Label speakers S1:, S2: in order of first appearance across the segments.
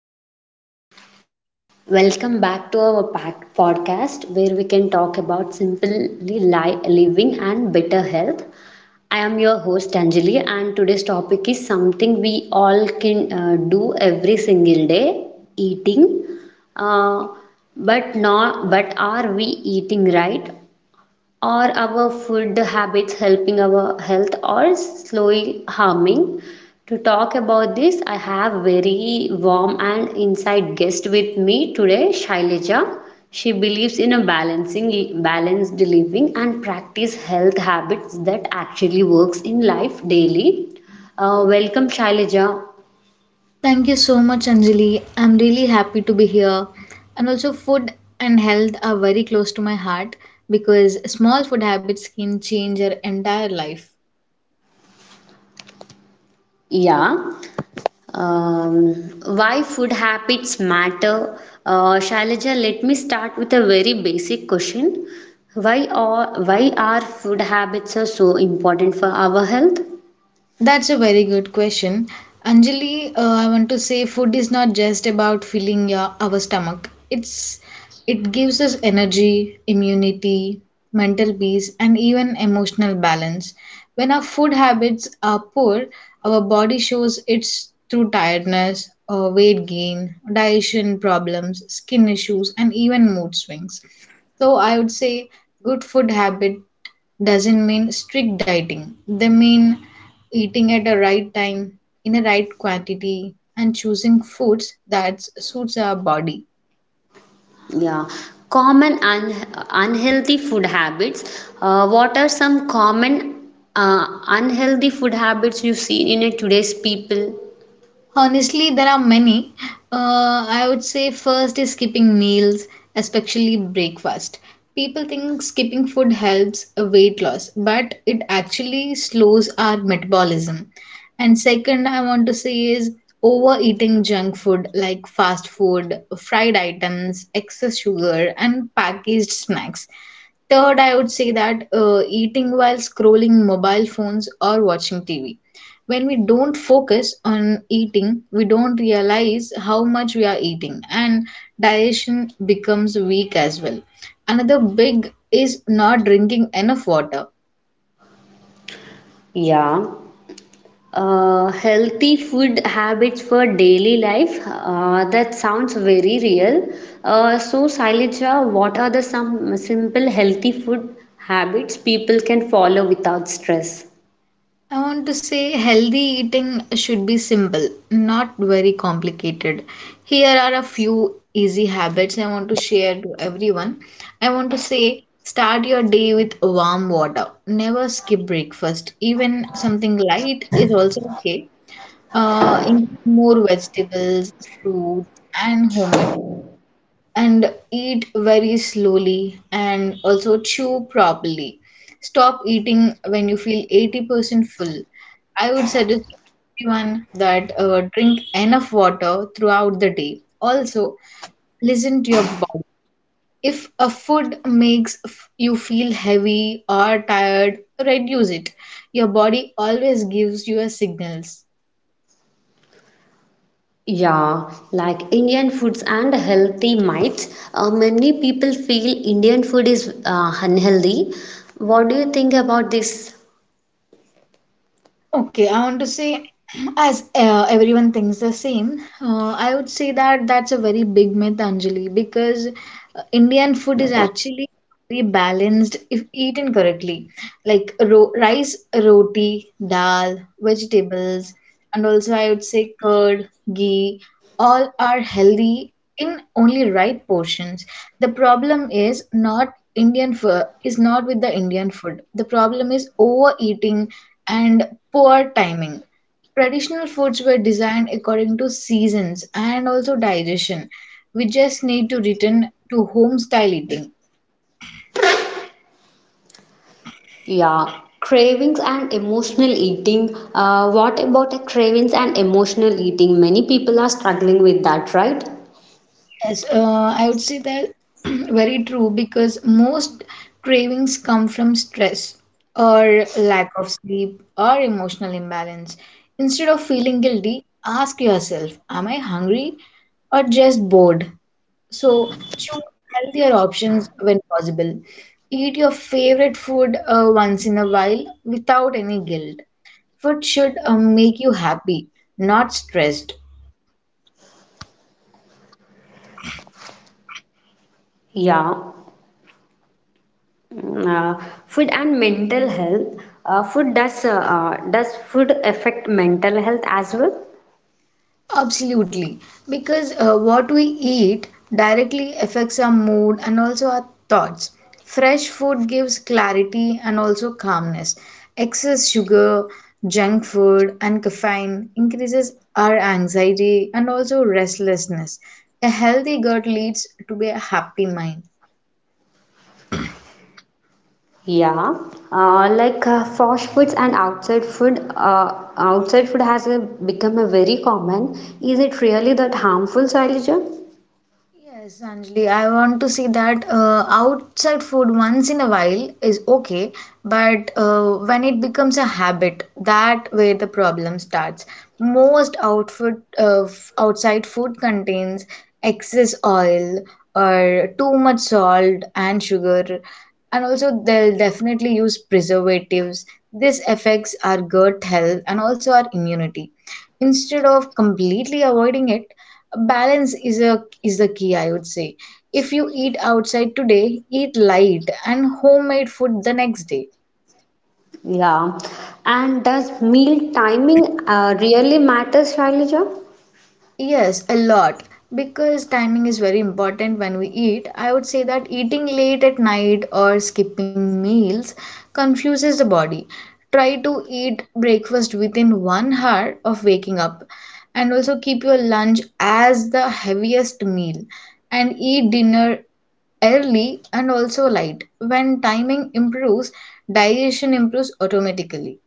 S1: Hello, everyone. Welcome back to our podcast where we can talk about simply living and better health. I am your host Anjali, and today's topic is something we all can do every single day eating. Uh, but not but are we eating right or our food habits helping our health or slowly harming? To talk about this, I have very warm and inside guest with me today, Shailaja. She believes in a balancing balanced living and practice health habits that actually works in life daily. Welcome, Shailaja.
S2: Thank you so much, Anjali. I'm really happy to be here. And also, food and health are very close to my heart because small food habits can change your entire life.
S1: Yeah. Um, why food habits matter? Shailaja, let me start with a very basic question. Why are food habits are so important for our health?
S2: That's a very good question. Anjali, I want to say food is not just about filling our stomach. It gives us energy, immunity, mental peace and even emotional balance. When our food habits are poor, our body shows it's through tiredness, weight gain, digestion problems, skin issues and even mood swings. So I would say good food habit doesn't mean strict dieting. They mean eating at the right time, in the right quantity, and choosing foods that suits our body.
S1: Yeah, common unhealthy food habits. What are some common unhealthy food habits you see in a today's people?
S2: Honestly, there are many. I would say first is skipping meals, especially breakfast. People think skipping food helps weight loss, but it actually slows our metabolism. And second, I want to say is overeating junk food like fast food, fried items, excess sugar, and packaged snacks. Third, I would say that eating while scrolling mobile phones or watching TV. When we don't focus on eating, we don't realize how much we are eating, and digestion becomes weak as well. Another big is not drinking enough water.
S1: Yeah. Healthy food habits for daily life. That sounds very real. So, Sailaja, what are the some simple healthy food habits people can follow without stress?
S2: I want to say healthy eating should be simple, not very complicated. Here are a few easy habits I want to share to everyone. I want to say start your day with warm water. Never skip breakfast. Even something light is also okay. Include more vegetables, fruits, and homemade food and eat very slowly and also chew properly. Stop eating when you feel 80% full. I would suggest to everyone that drink enough water throughout the day. Also, listen to your body. If a food makes you feel heavy or tired, reduce it. Your body always gives you a signals.
S1: Yeah, like Indian foods and healthy mites. Many people feel Indian food is unhealthy. What do you think about this?
S2: Okay, I want to say, as everyone thinks the same, I would say that that's a very big myth, Anjali, because Indian food is actually very balanced if eaten correctly. Like ro rice, roti, dal, vegetables, and also I would say curd, ghee, all are healthy in only right portions. The problem is not with the Indian food. The problem is overeating and poor timing. Traditional foods were designed according to seasons and also digestion. We just need to return to home style eating.
S1: Yeah, cravings and emotional eating. What about a cravings and emotional eating? Many people are struggling with that, right?
S2: Yes, I would say that very true because most cravings come from stress or lack of sleep or emotional imbalance. Instead of feeling guilty, ask yourself, am I hungry or just bored? So choose healthier options when possible. Eat your favorite food once in a while without any guilt. Food should make you happy, not stressed.
S1: Yeah. Mm, Uh, food and mental health. Food does food affect mental health as well?
S2: Absolutely, because what we eat directly affects our mood and also our thoughts. Fresh food gives clarity and also calmness. Excess sugar, junk food, and caffeine increases our anxiety and also restlessness. A healthy gut leads to be a happy mind.
S1: Yeah, like fast foods and outside food. Outside food has become a very common. Is it really that harmful, Shailaja?
S2: Yes, Anjali, I want to see that outside food once in a while is okay, but when it becomes a habit, that where the problem starts. Most outside food contains excess oil or too much salt and sugar, and also they'll definitely use preservatives, this affects our gut health and also our immunity. Instead of completely avoiding it, balance is the key, I would say. If you eat outside today, eat light and homemade food the next day.
S1: Yeah. And does meal timing really matter, Shailaja?
S2: Yes, a lot because timing is very important when we eat. I would say that eating late at night or skipping meals confuses the body. Try to eat breakfast within 1 hour of waking up and also keep your lunch as the heaviest meal and eat dinner early and also light. When timing improves, digestion improves automatically.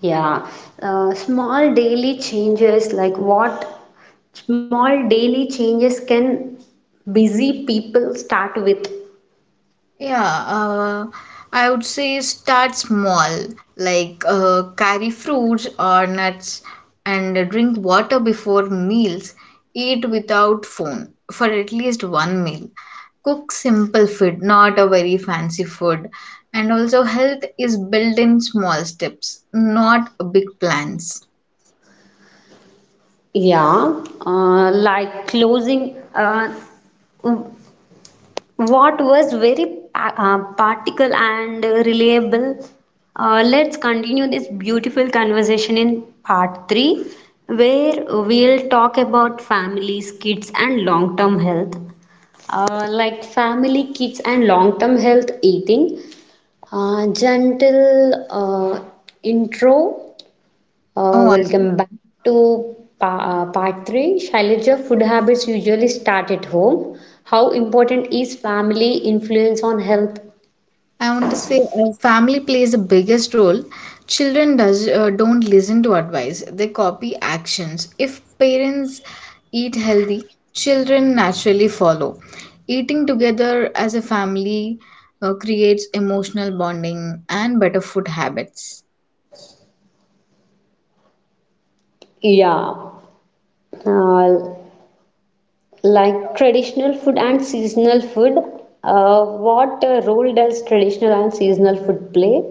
S1: Yeah. Small daily changes, like what small daily changes can busy people start with?
S2: Yeah, I would say start small, like carry fruits or nuts and drink water before meals. Eat without phone for at least one meal. Cook simple food, not a very fancy food. And also, health is built in small steps, not big plans.
S1: Yeah. Like closing. What was very practical and reliable. Let's continue this beautiful conversation in part 3, where we'll talk about families, kids, and long term health. Like family, kids, and long term health eating. Gentle intro
S2: Oh,
S1: welcome back to part 3. Shailaja, food habits usually start at home. How important is family influence on health?
S2: I want to say family plays the biggest role. Children does don't listen to advice; they copy actions. If parents eat healthy, children naturally follow. Eating together as a family creates emotional bonding and better food habits.
S1: Yeah, uh, like traditional food and seasonal food, what role does traditional and seasonal food play?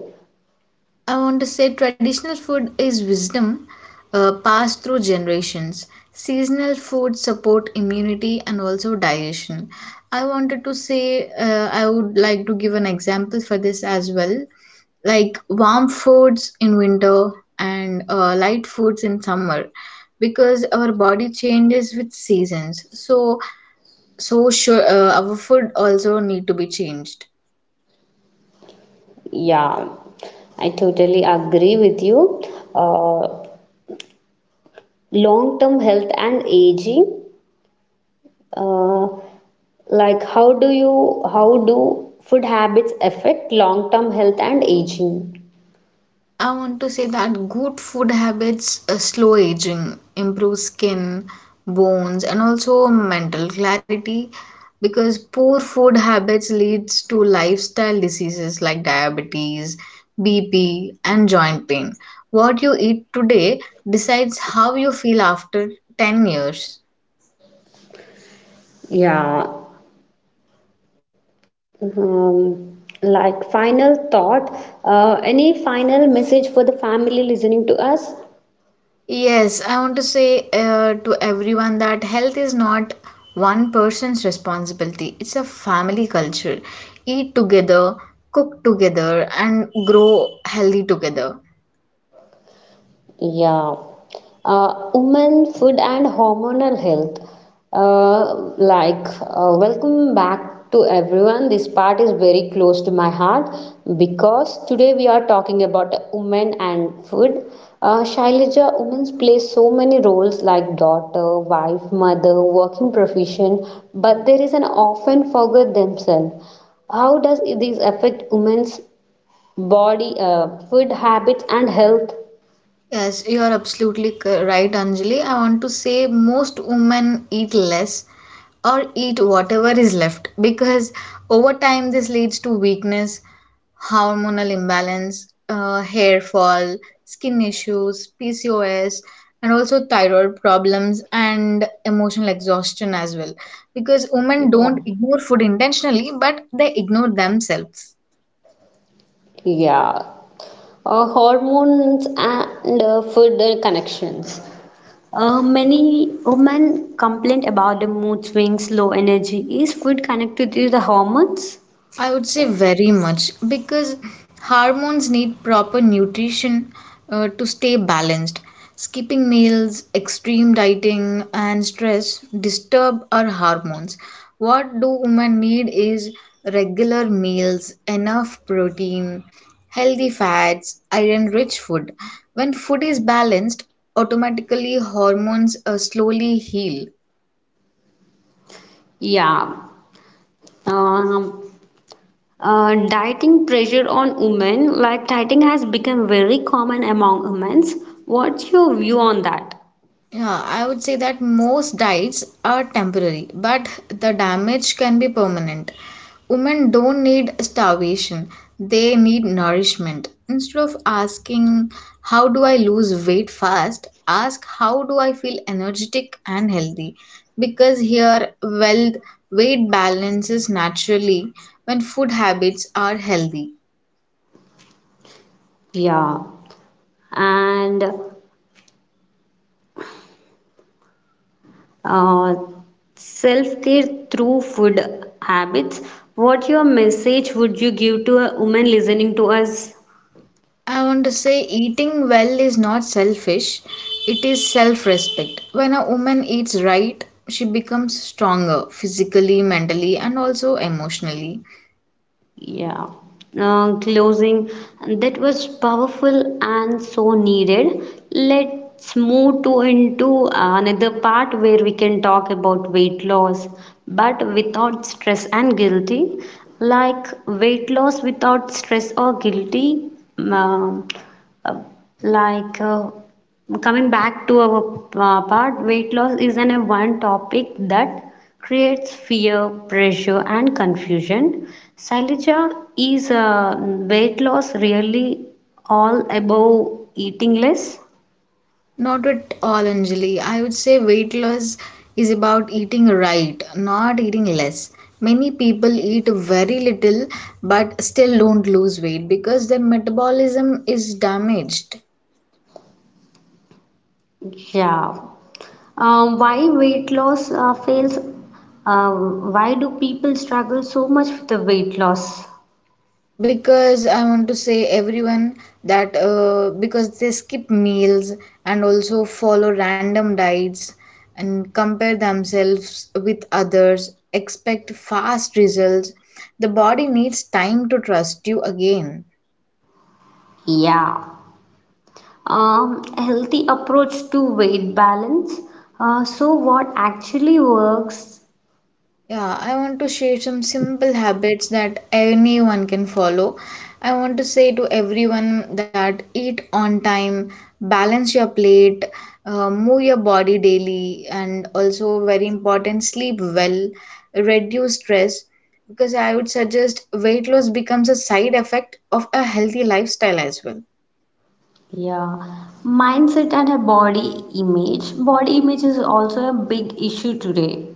S2: I want to say traditional food is wisdom passed through generations. Seasonal food support immunity and also digestion. I wanted to say I would like to give an example for this as well. Like warm foods in winter and light foods in summer because our body changes with seasons. So sure our food also need to be changed.
S1: Yeah, I totally agree with you. Uh, Long term health and aging. Uh, Like, how do food habits affect long-term health and aging?
S2: I want to say that good food habits, slow aging, improve skin, bones, and also mental clarity because poor food habits leads to lifestyle diseases like diabetes, BP, and joint pain. What you eat today decides how you feel after 10 years.
S1: Yeah. Like final thought, any final message for the family listening to us?
S2: Yes, I want to say to everyone that health is not one person's responsibility. It's a family culture. Eat together, cook together, and grow healthy together.
S1: Yeah. Women, food, and hormonal health. Welcome back to everyone. This part is very close to my heart because today we are talking about women and food. Shailaja, women play so many roles like daughter, wife, mother, working profession, but there is an often forget themselves. How does this affect women's body, food habits, and health?
S2: Yes, you are absolutely right, Anjali. I want to say most women eat less or eat whatever is left because over time this leads to weakness, hormonal imbalance, hair fall, skin issues, PCOS, and also thyroid problems and emotional exhaustion as well. Because women
S1: Yeah.
S2: don't ignore food intentionally, but they ignore themselves.
S1: Yeah, hormones and food connections. Many women complain about the mood swings, low energy. Is food connected to the hormones?
S2: I would say very much because hormones need proper nutrition to stay balanced. Skipping meals, extreme dieting, and stress disturb our hormones. What do women need is regular meals, enough protein, healthy fats, iron rich food. When food is balanced, automatically hormones slowly heal.
S1: Yeah. Um, Dieting pressure on women, like dieting has become very common among women. What's your view on that?
S2: Yeah, I would say that most diets are temporary, but the damage can be permanent. Women don't need starvation, they need nourishment. Instead of asking, how do I lose weight fast? Ask, how do I feel energetic and healthy? Because here, wealth weight balances naturally when food habits are healthy.
S1: Yeah. And uh, self care through food habits. What your message would you give to a woman listening to us?
S2: I want to say eating well is not selfish, it is self respect. When a woman eats right, she becomes stronger physically, mentally, and also emotionally.
S1: Yeah. Closing that was powerful and so needed. Let's move to into another part where we can talk about weight loss, but without stress and guilty. Like weight loss without stress or guilty, um, uh, like uh, coming back to our part, weight loss is an a one topic that creates fear, pressure, and confusion. Silesia is weight loss really all about eating less?
S2: Not at all, Anjali. I would say weight loss is about eating right, not eating less. Many people eat very little but still don't lose weight because their metabolism is damaged.
S1: Yeah. Why weight loss fails? Uh, why do people struggle so much with the weight loss?
S2: Because I want to say everyone that because they skip meals and also follow random diets and compare themselves with others, expect fast results. The body needs time to trust you again.
S1: Yeah. Healthy approach to weight balance. So, what actually works?
S2: Yeah, I want to share some simple habits that anyone can follow. I want to say to everyone that eat on time, balance your plate, move your body daily, and also very important, sleep well, reduce stress. Because I would suggest weight loss becomes a side effect of a healthy lifestyle as well.
S1: Yeah, mindset and a body image. Body image is also a big issue today.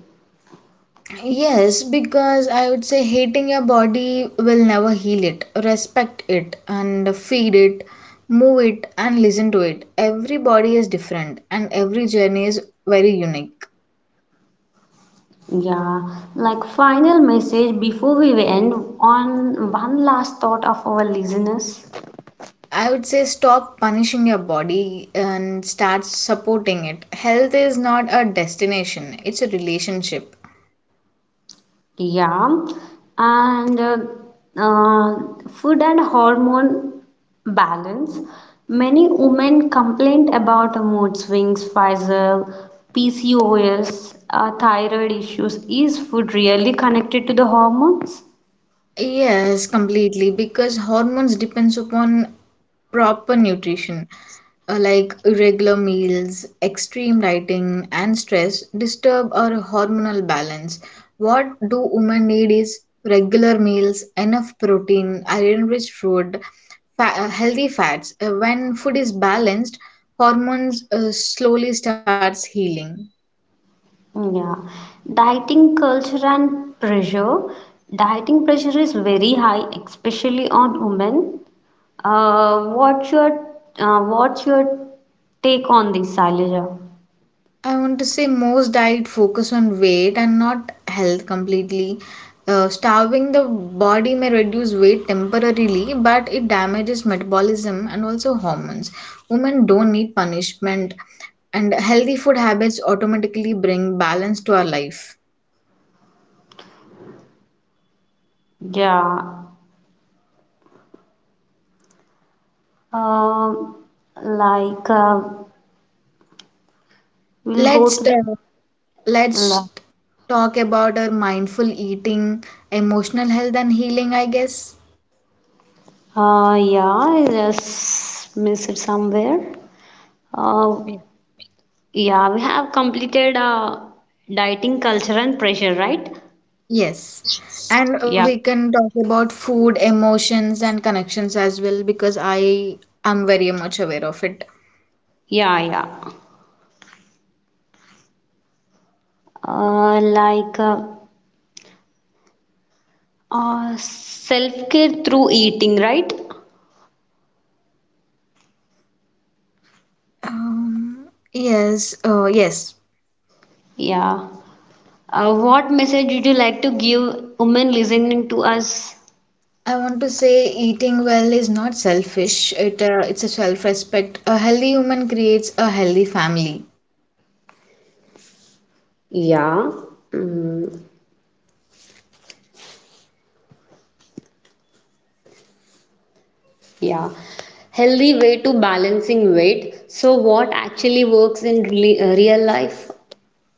S2: Yes, because I would say hating your body will never heal it. Respect it and feed it, move it, and listen to it. Every body is different and every journey is very unique.
S1: Yeah, like final message before we end on one last thought of our listeners.
S2: I would say stop punishing your body and start supporting it. Health is not a destination, it's a relationship.
S1: Yeah, and uh, food and hormone balance. Many women complain about mood swings, Pfizer, PCOS, thyroid issues. Is food really connected to the hormones?
S2: Yes, completely. Because hormones depends upon proper nutrition. Like irregular meals, extreme dieting, and stress disturb our hormonal balance. What do women need is regular meals, enough protein, iron-rich food, fa healthy fats. When food is balanced, hormones slowly starts healing.
S1: Yeah, dieting culture and pressure. Dieting pressure is very high, especially on women. Uh, what's your what's your take on this, Sailaja?
S2: I want to say most diet focus on weight and not health completely. Starving the body may reduce weight temporarily, but it damages metabolism and also hormones. Women don't need punishment, and healthy food habits automatically bring balance to our life.
S1: Yeah, um, like uh, we'll go
S2: Let's
S1: to the
S2: ta-
S1: like,
S2: let's talk about our mindful eating, emotional health and healing, I guess.
S1: yeah, I just miss it somewhere. Uh, yeah, we have completed dieting culture and pressure, right?
S2: Yes, and
S1: Yeah,
S2: we can talk about food, emotions, and connections as well because I am very much aware of it.
S1: yeah, yeah. Uh, like uh, Self care through eating, right?
S2: Yes.
S1: Yeah. What message would you like to give women listening to us?
S2: I want to say eating well is not selfish. It's a self-respect. A healthy human creates a healthy family.
S1: Yeah. Mm, yeah. Healthy way to balancing weight. So, what actually works in real life?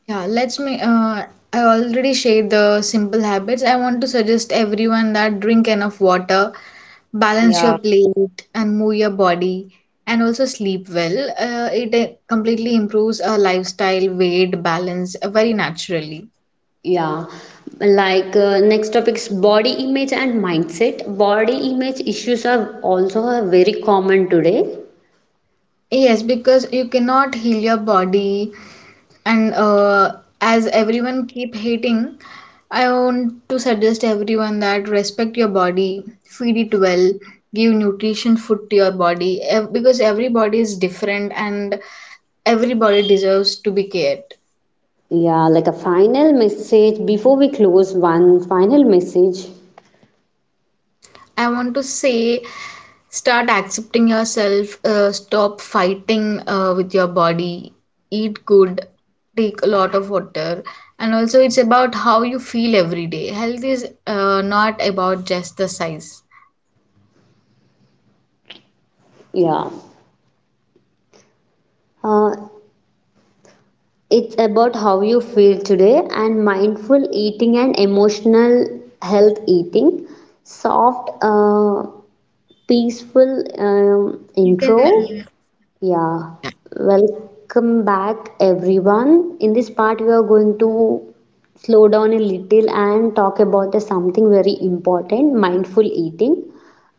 S2: Yeah, let's me. I already shared the simple habits. I want to suggest everyone that drink enough water, balance your
S1: Yeah.
S2: plate, and move your body, and also sleep well. It completely improves our lifestyle, weight, balance very naturally.
S1: Yeah. Like next topic is body image and mindset. Body image issues are also are very common today.
S2: Yes, because you cannot heal your body, and as everyone keep hating, I want to suggest everyone that respect your body, feed it well, give nutrition food to your body, because every body is different and every body deserves to be cared.
S1: Yeah, like a final message before we close, one final message.
S2: I want to say start accepting yourself, stop fighting with your body, eat good, take a lot of water, and also it's about how you feel every day. Health is not about just the size.
S1: Yeah. Uh, it's about how you feel today and mindful eating and emotional health eating. Soft, peaceful
S2: You can, uh,
S1: intro. Yeah, welcome back everyone. In this part, we are going to slow down a little and talk about the something very important mindful eating.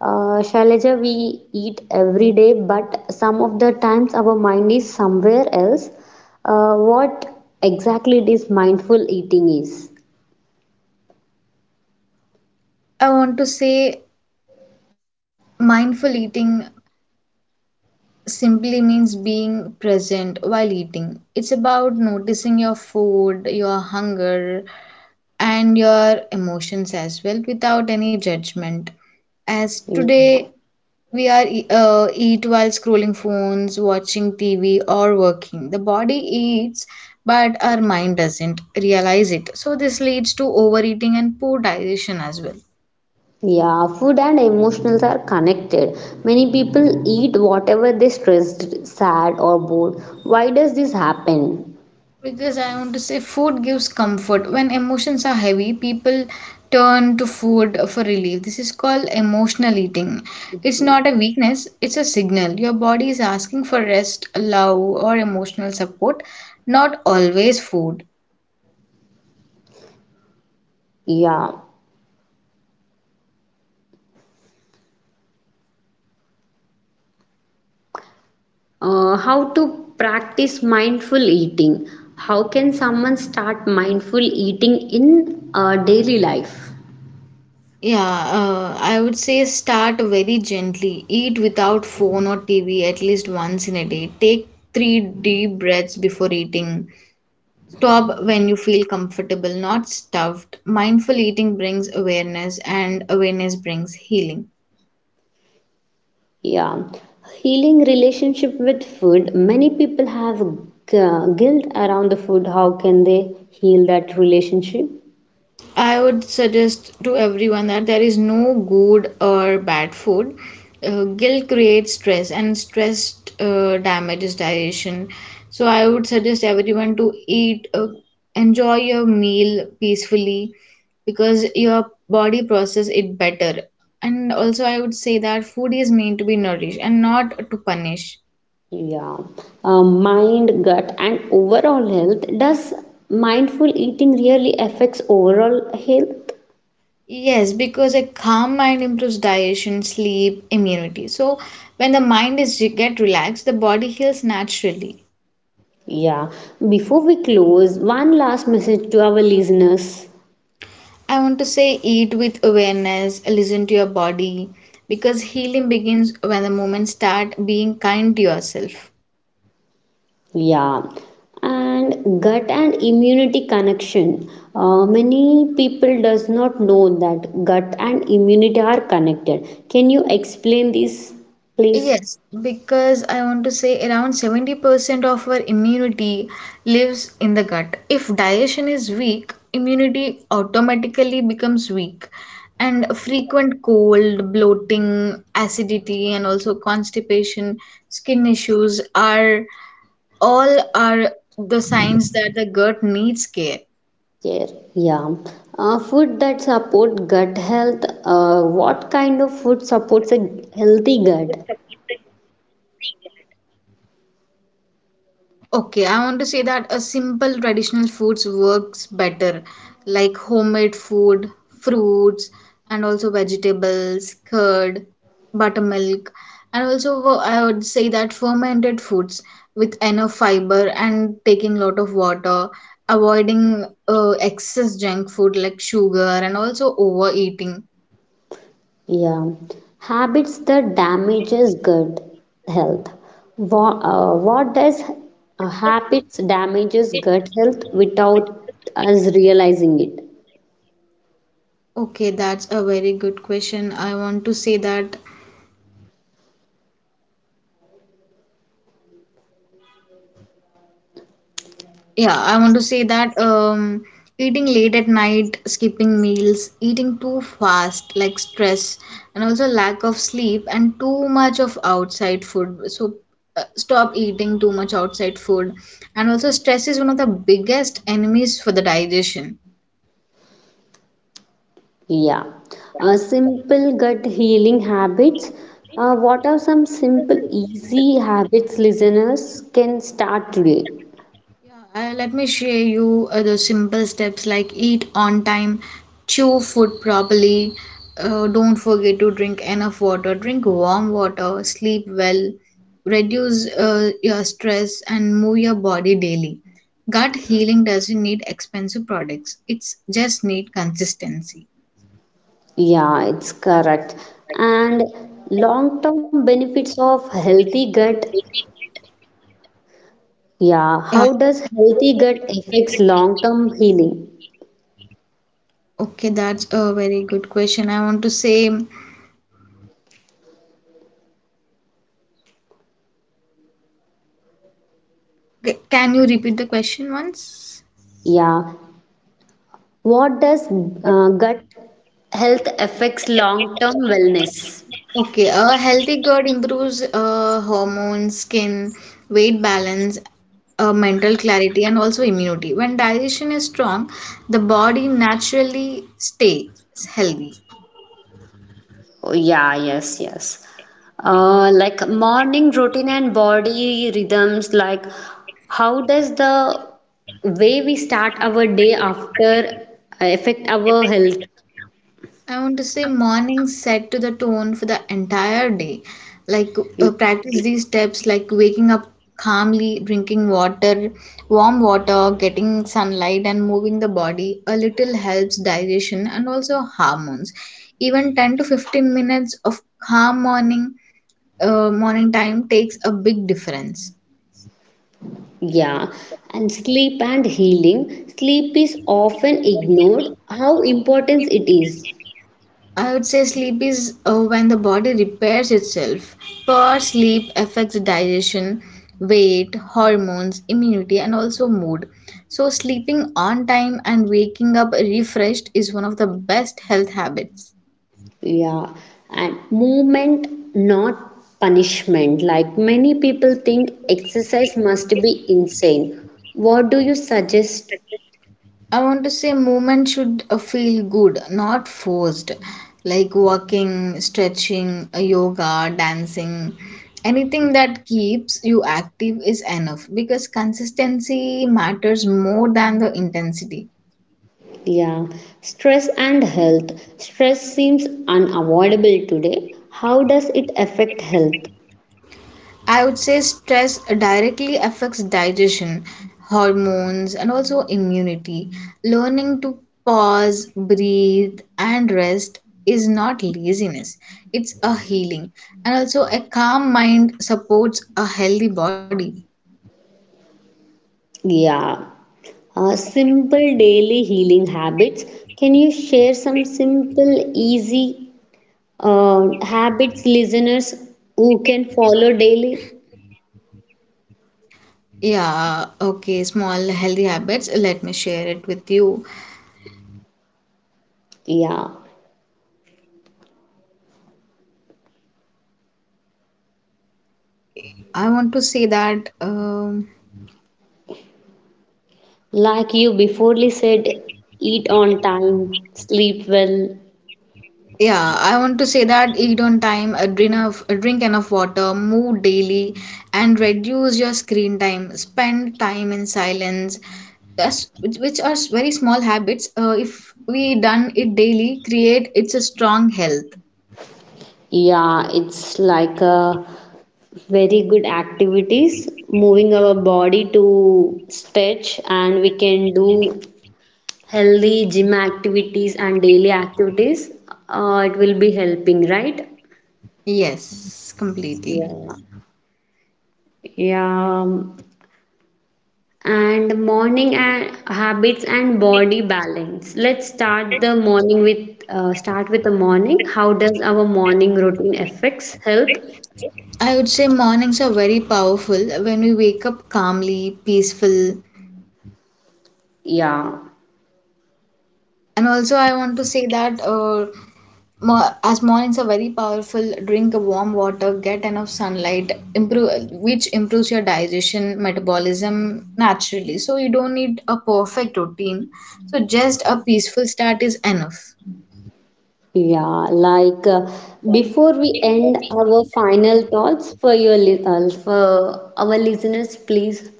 S1: Shailaja, we eat every day, but some of the times our mind is somewhere else. What exactly this mindful eating is?
S2: I want to say, mindful eating simply means being present while eating. It's about noticing your food, your hunger, and your emotions as well without any judgment. As
S1: Yeah.
S2: today we eat while scrolling phones, watching TV, or working. The body eats, but our mind doesn't realize it. So this leads to overeating and poor digestion as well.
S1: Yeah, food and emotionals are connected. Many people eat whatever they stressed, sad, or bored. Why does this happen?
S2: Because I want to say food gives comfort. When emotions are heavy, people turn to food for relief. This is called emotional eating. It's not a weakness, it's a signal. Your body is asking for rest, love, or emotional support, not always food.
S1: Yeah. How to practice mindful eating? How can someone start mindful eating in daily life?
S2: Yeah, I would say start very gently. Eat without phone or TV at least once in a day. Take three deep breaths before eating. Stop when you feel comfortable, not stuffed. Mindful eating brings awareness, and awareness brings healing.
S1: Yeah. Healing relationship with food. Many people have guilt around the food. How can they heal that relationship?
S2: I would suggest to everyone that there is no good or bad food. Guilt creates stress, and stress damages digestion. So, I would suggest everyone to eat, enjoy your meal peacefully because your body process it better. And also, I would say that food is meant to be nourished and not to punish.
S1: Yeah, mind, gut, and overall health. Does mindful eating really affects overall health?
S2: Yes, because a calm mind improves digestion, sleep, immunity. So when the mind is get relaxed, the body heals naturally.
S1: Yeah. Before we close, one last message to our listeners.
S2: I want to say eat with awareness, listen to your body because healing begins when the moment start being kind to yourself.
S1: Yeah. And gut and immunity connection. Many people does not know that gut and immunity are connected. Can you explain this, please?
S2: Yes, because I want to say around 70% of our immunity lives in the gut. If digestion is weak, immunity automatically becomes weak. And frequent cold, bloating, acidity, and also constipation, skin issues are all are the signs that the gut needs care.
S1: Yeah. Food that support gut health. What kind of food supports a healthy gut?
S2: Okay, I want to say that a simple traditional foods works better, like homemade food, fruits, and also vegetables, curd, buttermilk, and also I would say that fermented foods with enough fiber and taking lot of water, avoiding excess junk food like sugar and also overeating.
S1: Yeah. Habits that damages gut health. What does habits damages gut health without us realizing it?
S2: Okay, that's a very good question. I want to say that. Yeah, I want to say that eating late at night, skipping meals, eating too fast, like stress, and also lack of sleep and too much of outside food. So stop eating too much outside food. And also stress is one of the biggest enemies for the digestion.
S1: Yeah. Simple gut healing habits. What are some simple, easy habits listeners can start today?
S2: Yeah, let me share you the simple steps like eat on time, chew food properly, don't forget to drink enough water, drink warm water, sleep well, reduce your stress, and move your body daily. Gut healing doesn't need expensive products, it's just need consistency.
S1: Yeah, it's correct. And long-term benefits of healthy gut. Yeah,
S2: Yeah,
S1: how does healthy gut affects long-term healing?
S2: okay, that's a very good question. I want to say, okay, can you repeat the question once?
S1: Yeah, what does gut health affects long-term wellness?
S2: Okay, a healthy gut improves hormones, skin, weight balance, mental clarity, and also immunity. When digestion is strong, the body naturally stays healthy.
S1: Oh, yeah, yes, yes. Like morning routine and body rhythms, like how does the way we start our day after affect our health?
S2: I want to say morning set to the tone for the entire day. Like practice these steps like waking up calmly, drinking water, warm water, getting sunlight and moving the body a little helps digestion and also hormones. Even 10 to 15 minutes of calm morning morning time takes a big difference.
S1: Yeah, and sleep and healing. Sleep is often ignored. How important it is.
S2: I would say sleep is when the body repairs itself. Poor sleep affects digestion, weight, hormones, immunity, and also mood. So, sleeping on time and waking up refreshed is one of the best health habits.
S1: Yeah, and movement, not punishment. Like many people think exercise must be insane. What do you suggest?
S2: I want to say movement should feel good, not forced. Like walking, stretching, yoga, dancing, anything that keeps you active is enough because consistency matters more than the intensity.
S1: Yeah, stress and health. Stress seems unavoidable today. How does it affect health?
S2: I would say stress directly affects digestion, hormones, and also immunity. Learning to pause, breathe, and rest is not laziness, it's a healing. And also, a calm mind supports a healthy body.
S1: Yeah, simple daily healing habits. Can you share some simple, easy habits listeners who can follow daily?
S2: Yeah, okay, small healthy habits. Let me share it with you.
S1: Yeah,
S2: I want to say that um.
S1: like you before said, eat on time, sleep well.
S2: Yeah, I want to say that eat on time, drink enough water, move daily, and reduce your screen time. Spend time in silence. That's which are very small habits. If we done it daily, create it's a strong health.
S1: Yeah, it's like a very good activities, moving our body to stretch, and we can do healthy gym activities and daily activities. It will be helping, right?
S2: Yes, completely.
S1: Yeah. Yeah. And morning and habits and body balance. Let's start the morning with start with the morning. How does our morning routine affects health?
S2: I would say mornings are very powerful when we wake up calmly, peaceful.
S1: Yeah.
S2: And also, I want to say that as mornings are very powerful, drink a warm water, get enough sunlight, improve which improves your digestion metabolism naturally, so you don't need a perfect routine, so just a peaceful start is enough.
S1: Yeah, like before we end our final thoughts for your for our listeners, please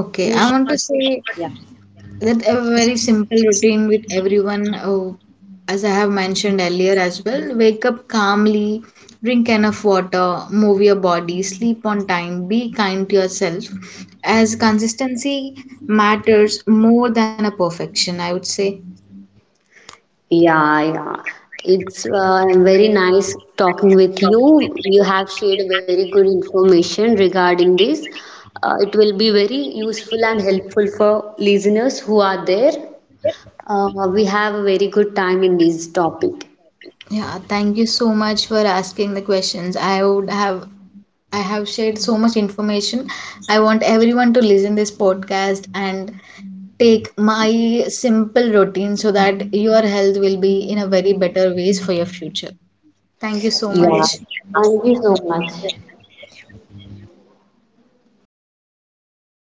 S2: Okay,
S1: in a
S2: I want to
S1: short.
S2: say that a very simple routine with everyone, as I have mentioned earlier as well, wake up calmly, drink enough water, move your body, sleep on time, be kind to yourself, as consistency matters more than a perfection, I would say.
S1: Yeah, yeah. It's very nice talking with you. You have shared very good information regarding this. It will be very useful and helpful for listeners who are there. Uh, we have a very good time in this topic.
S2: Yeah, thank you so much for asking the questions. I have shared so much information. I want everyone to listen this podcast and take my simple routine so that your health will be in a very better ways for your future. Thank you so
S1: Yeah.
S2: much.
S1: Thank you so much.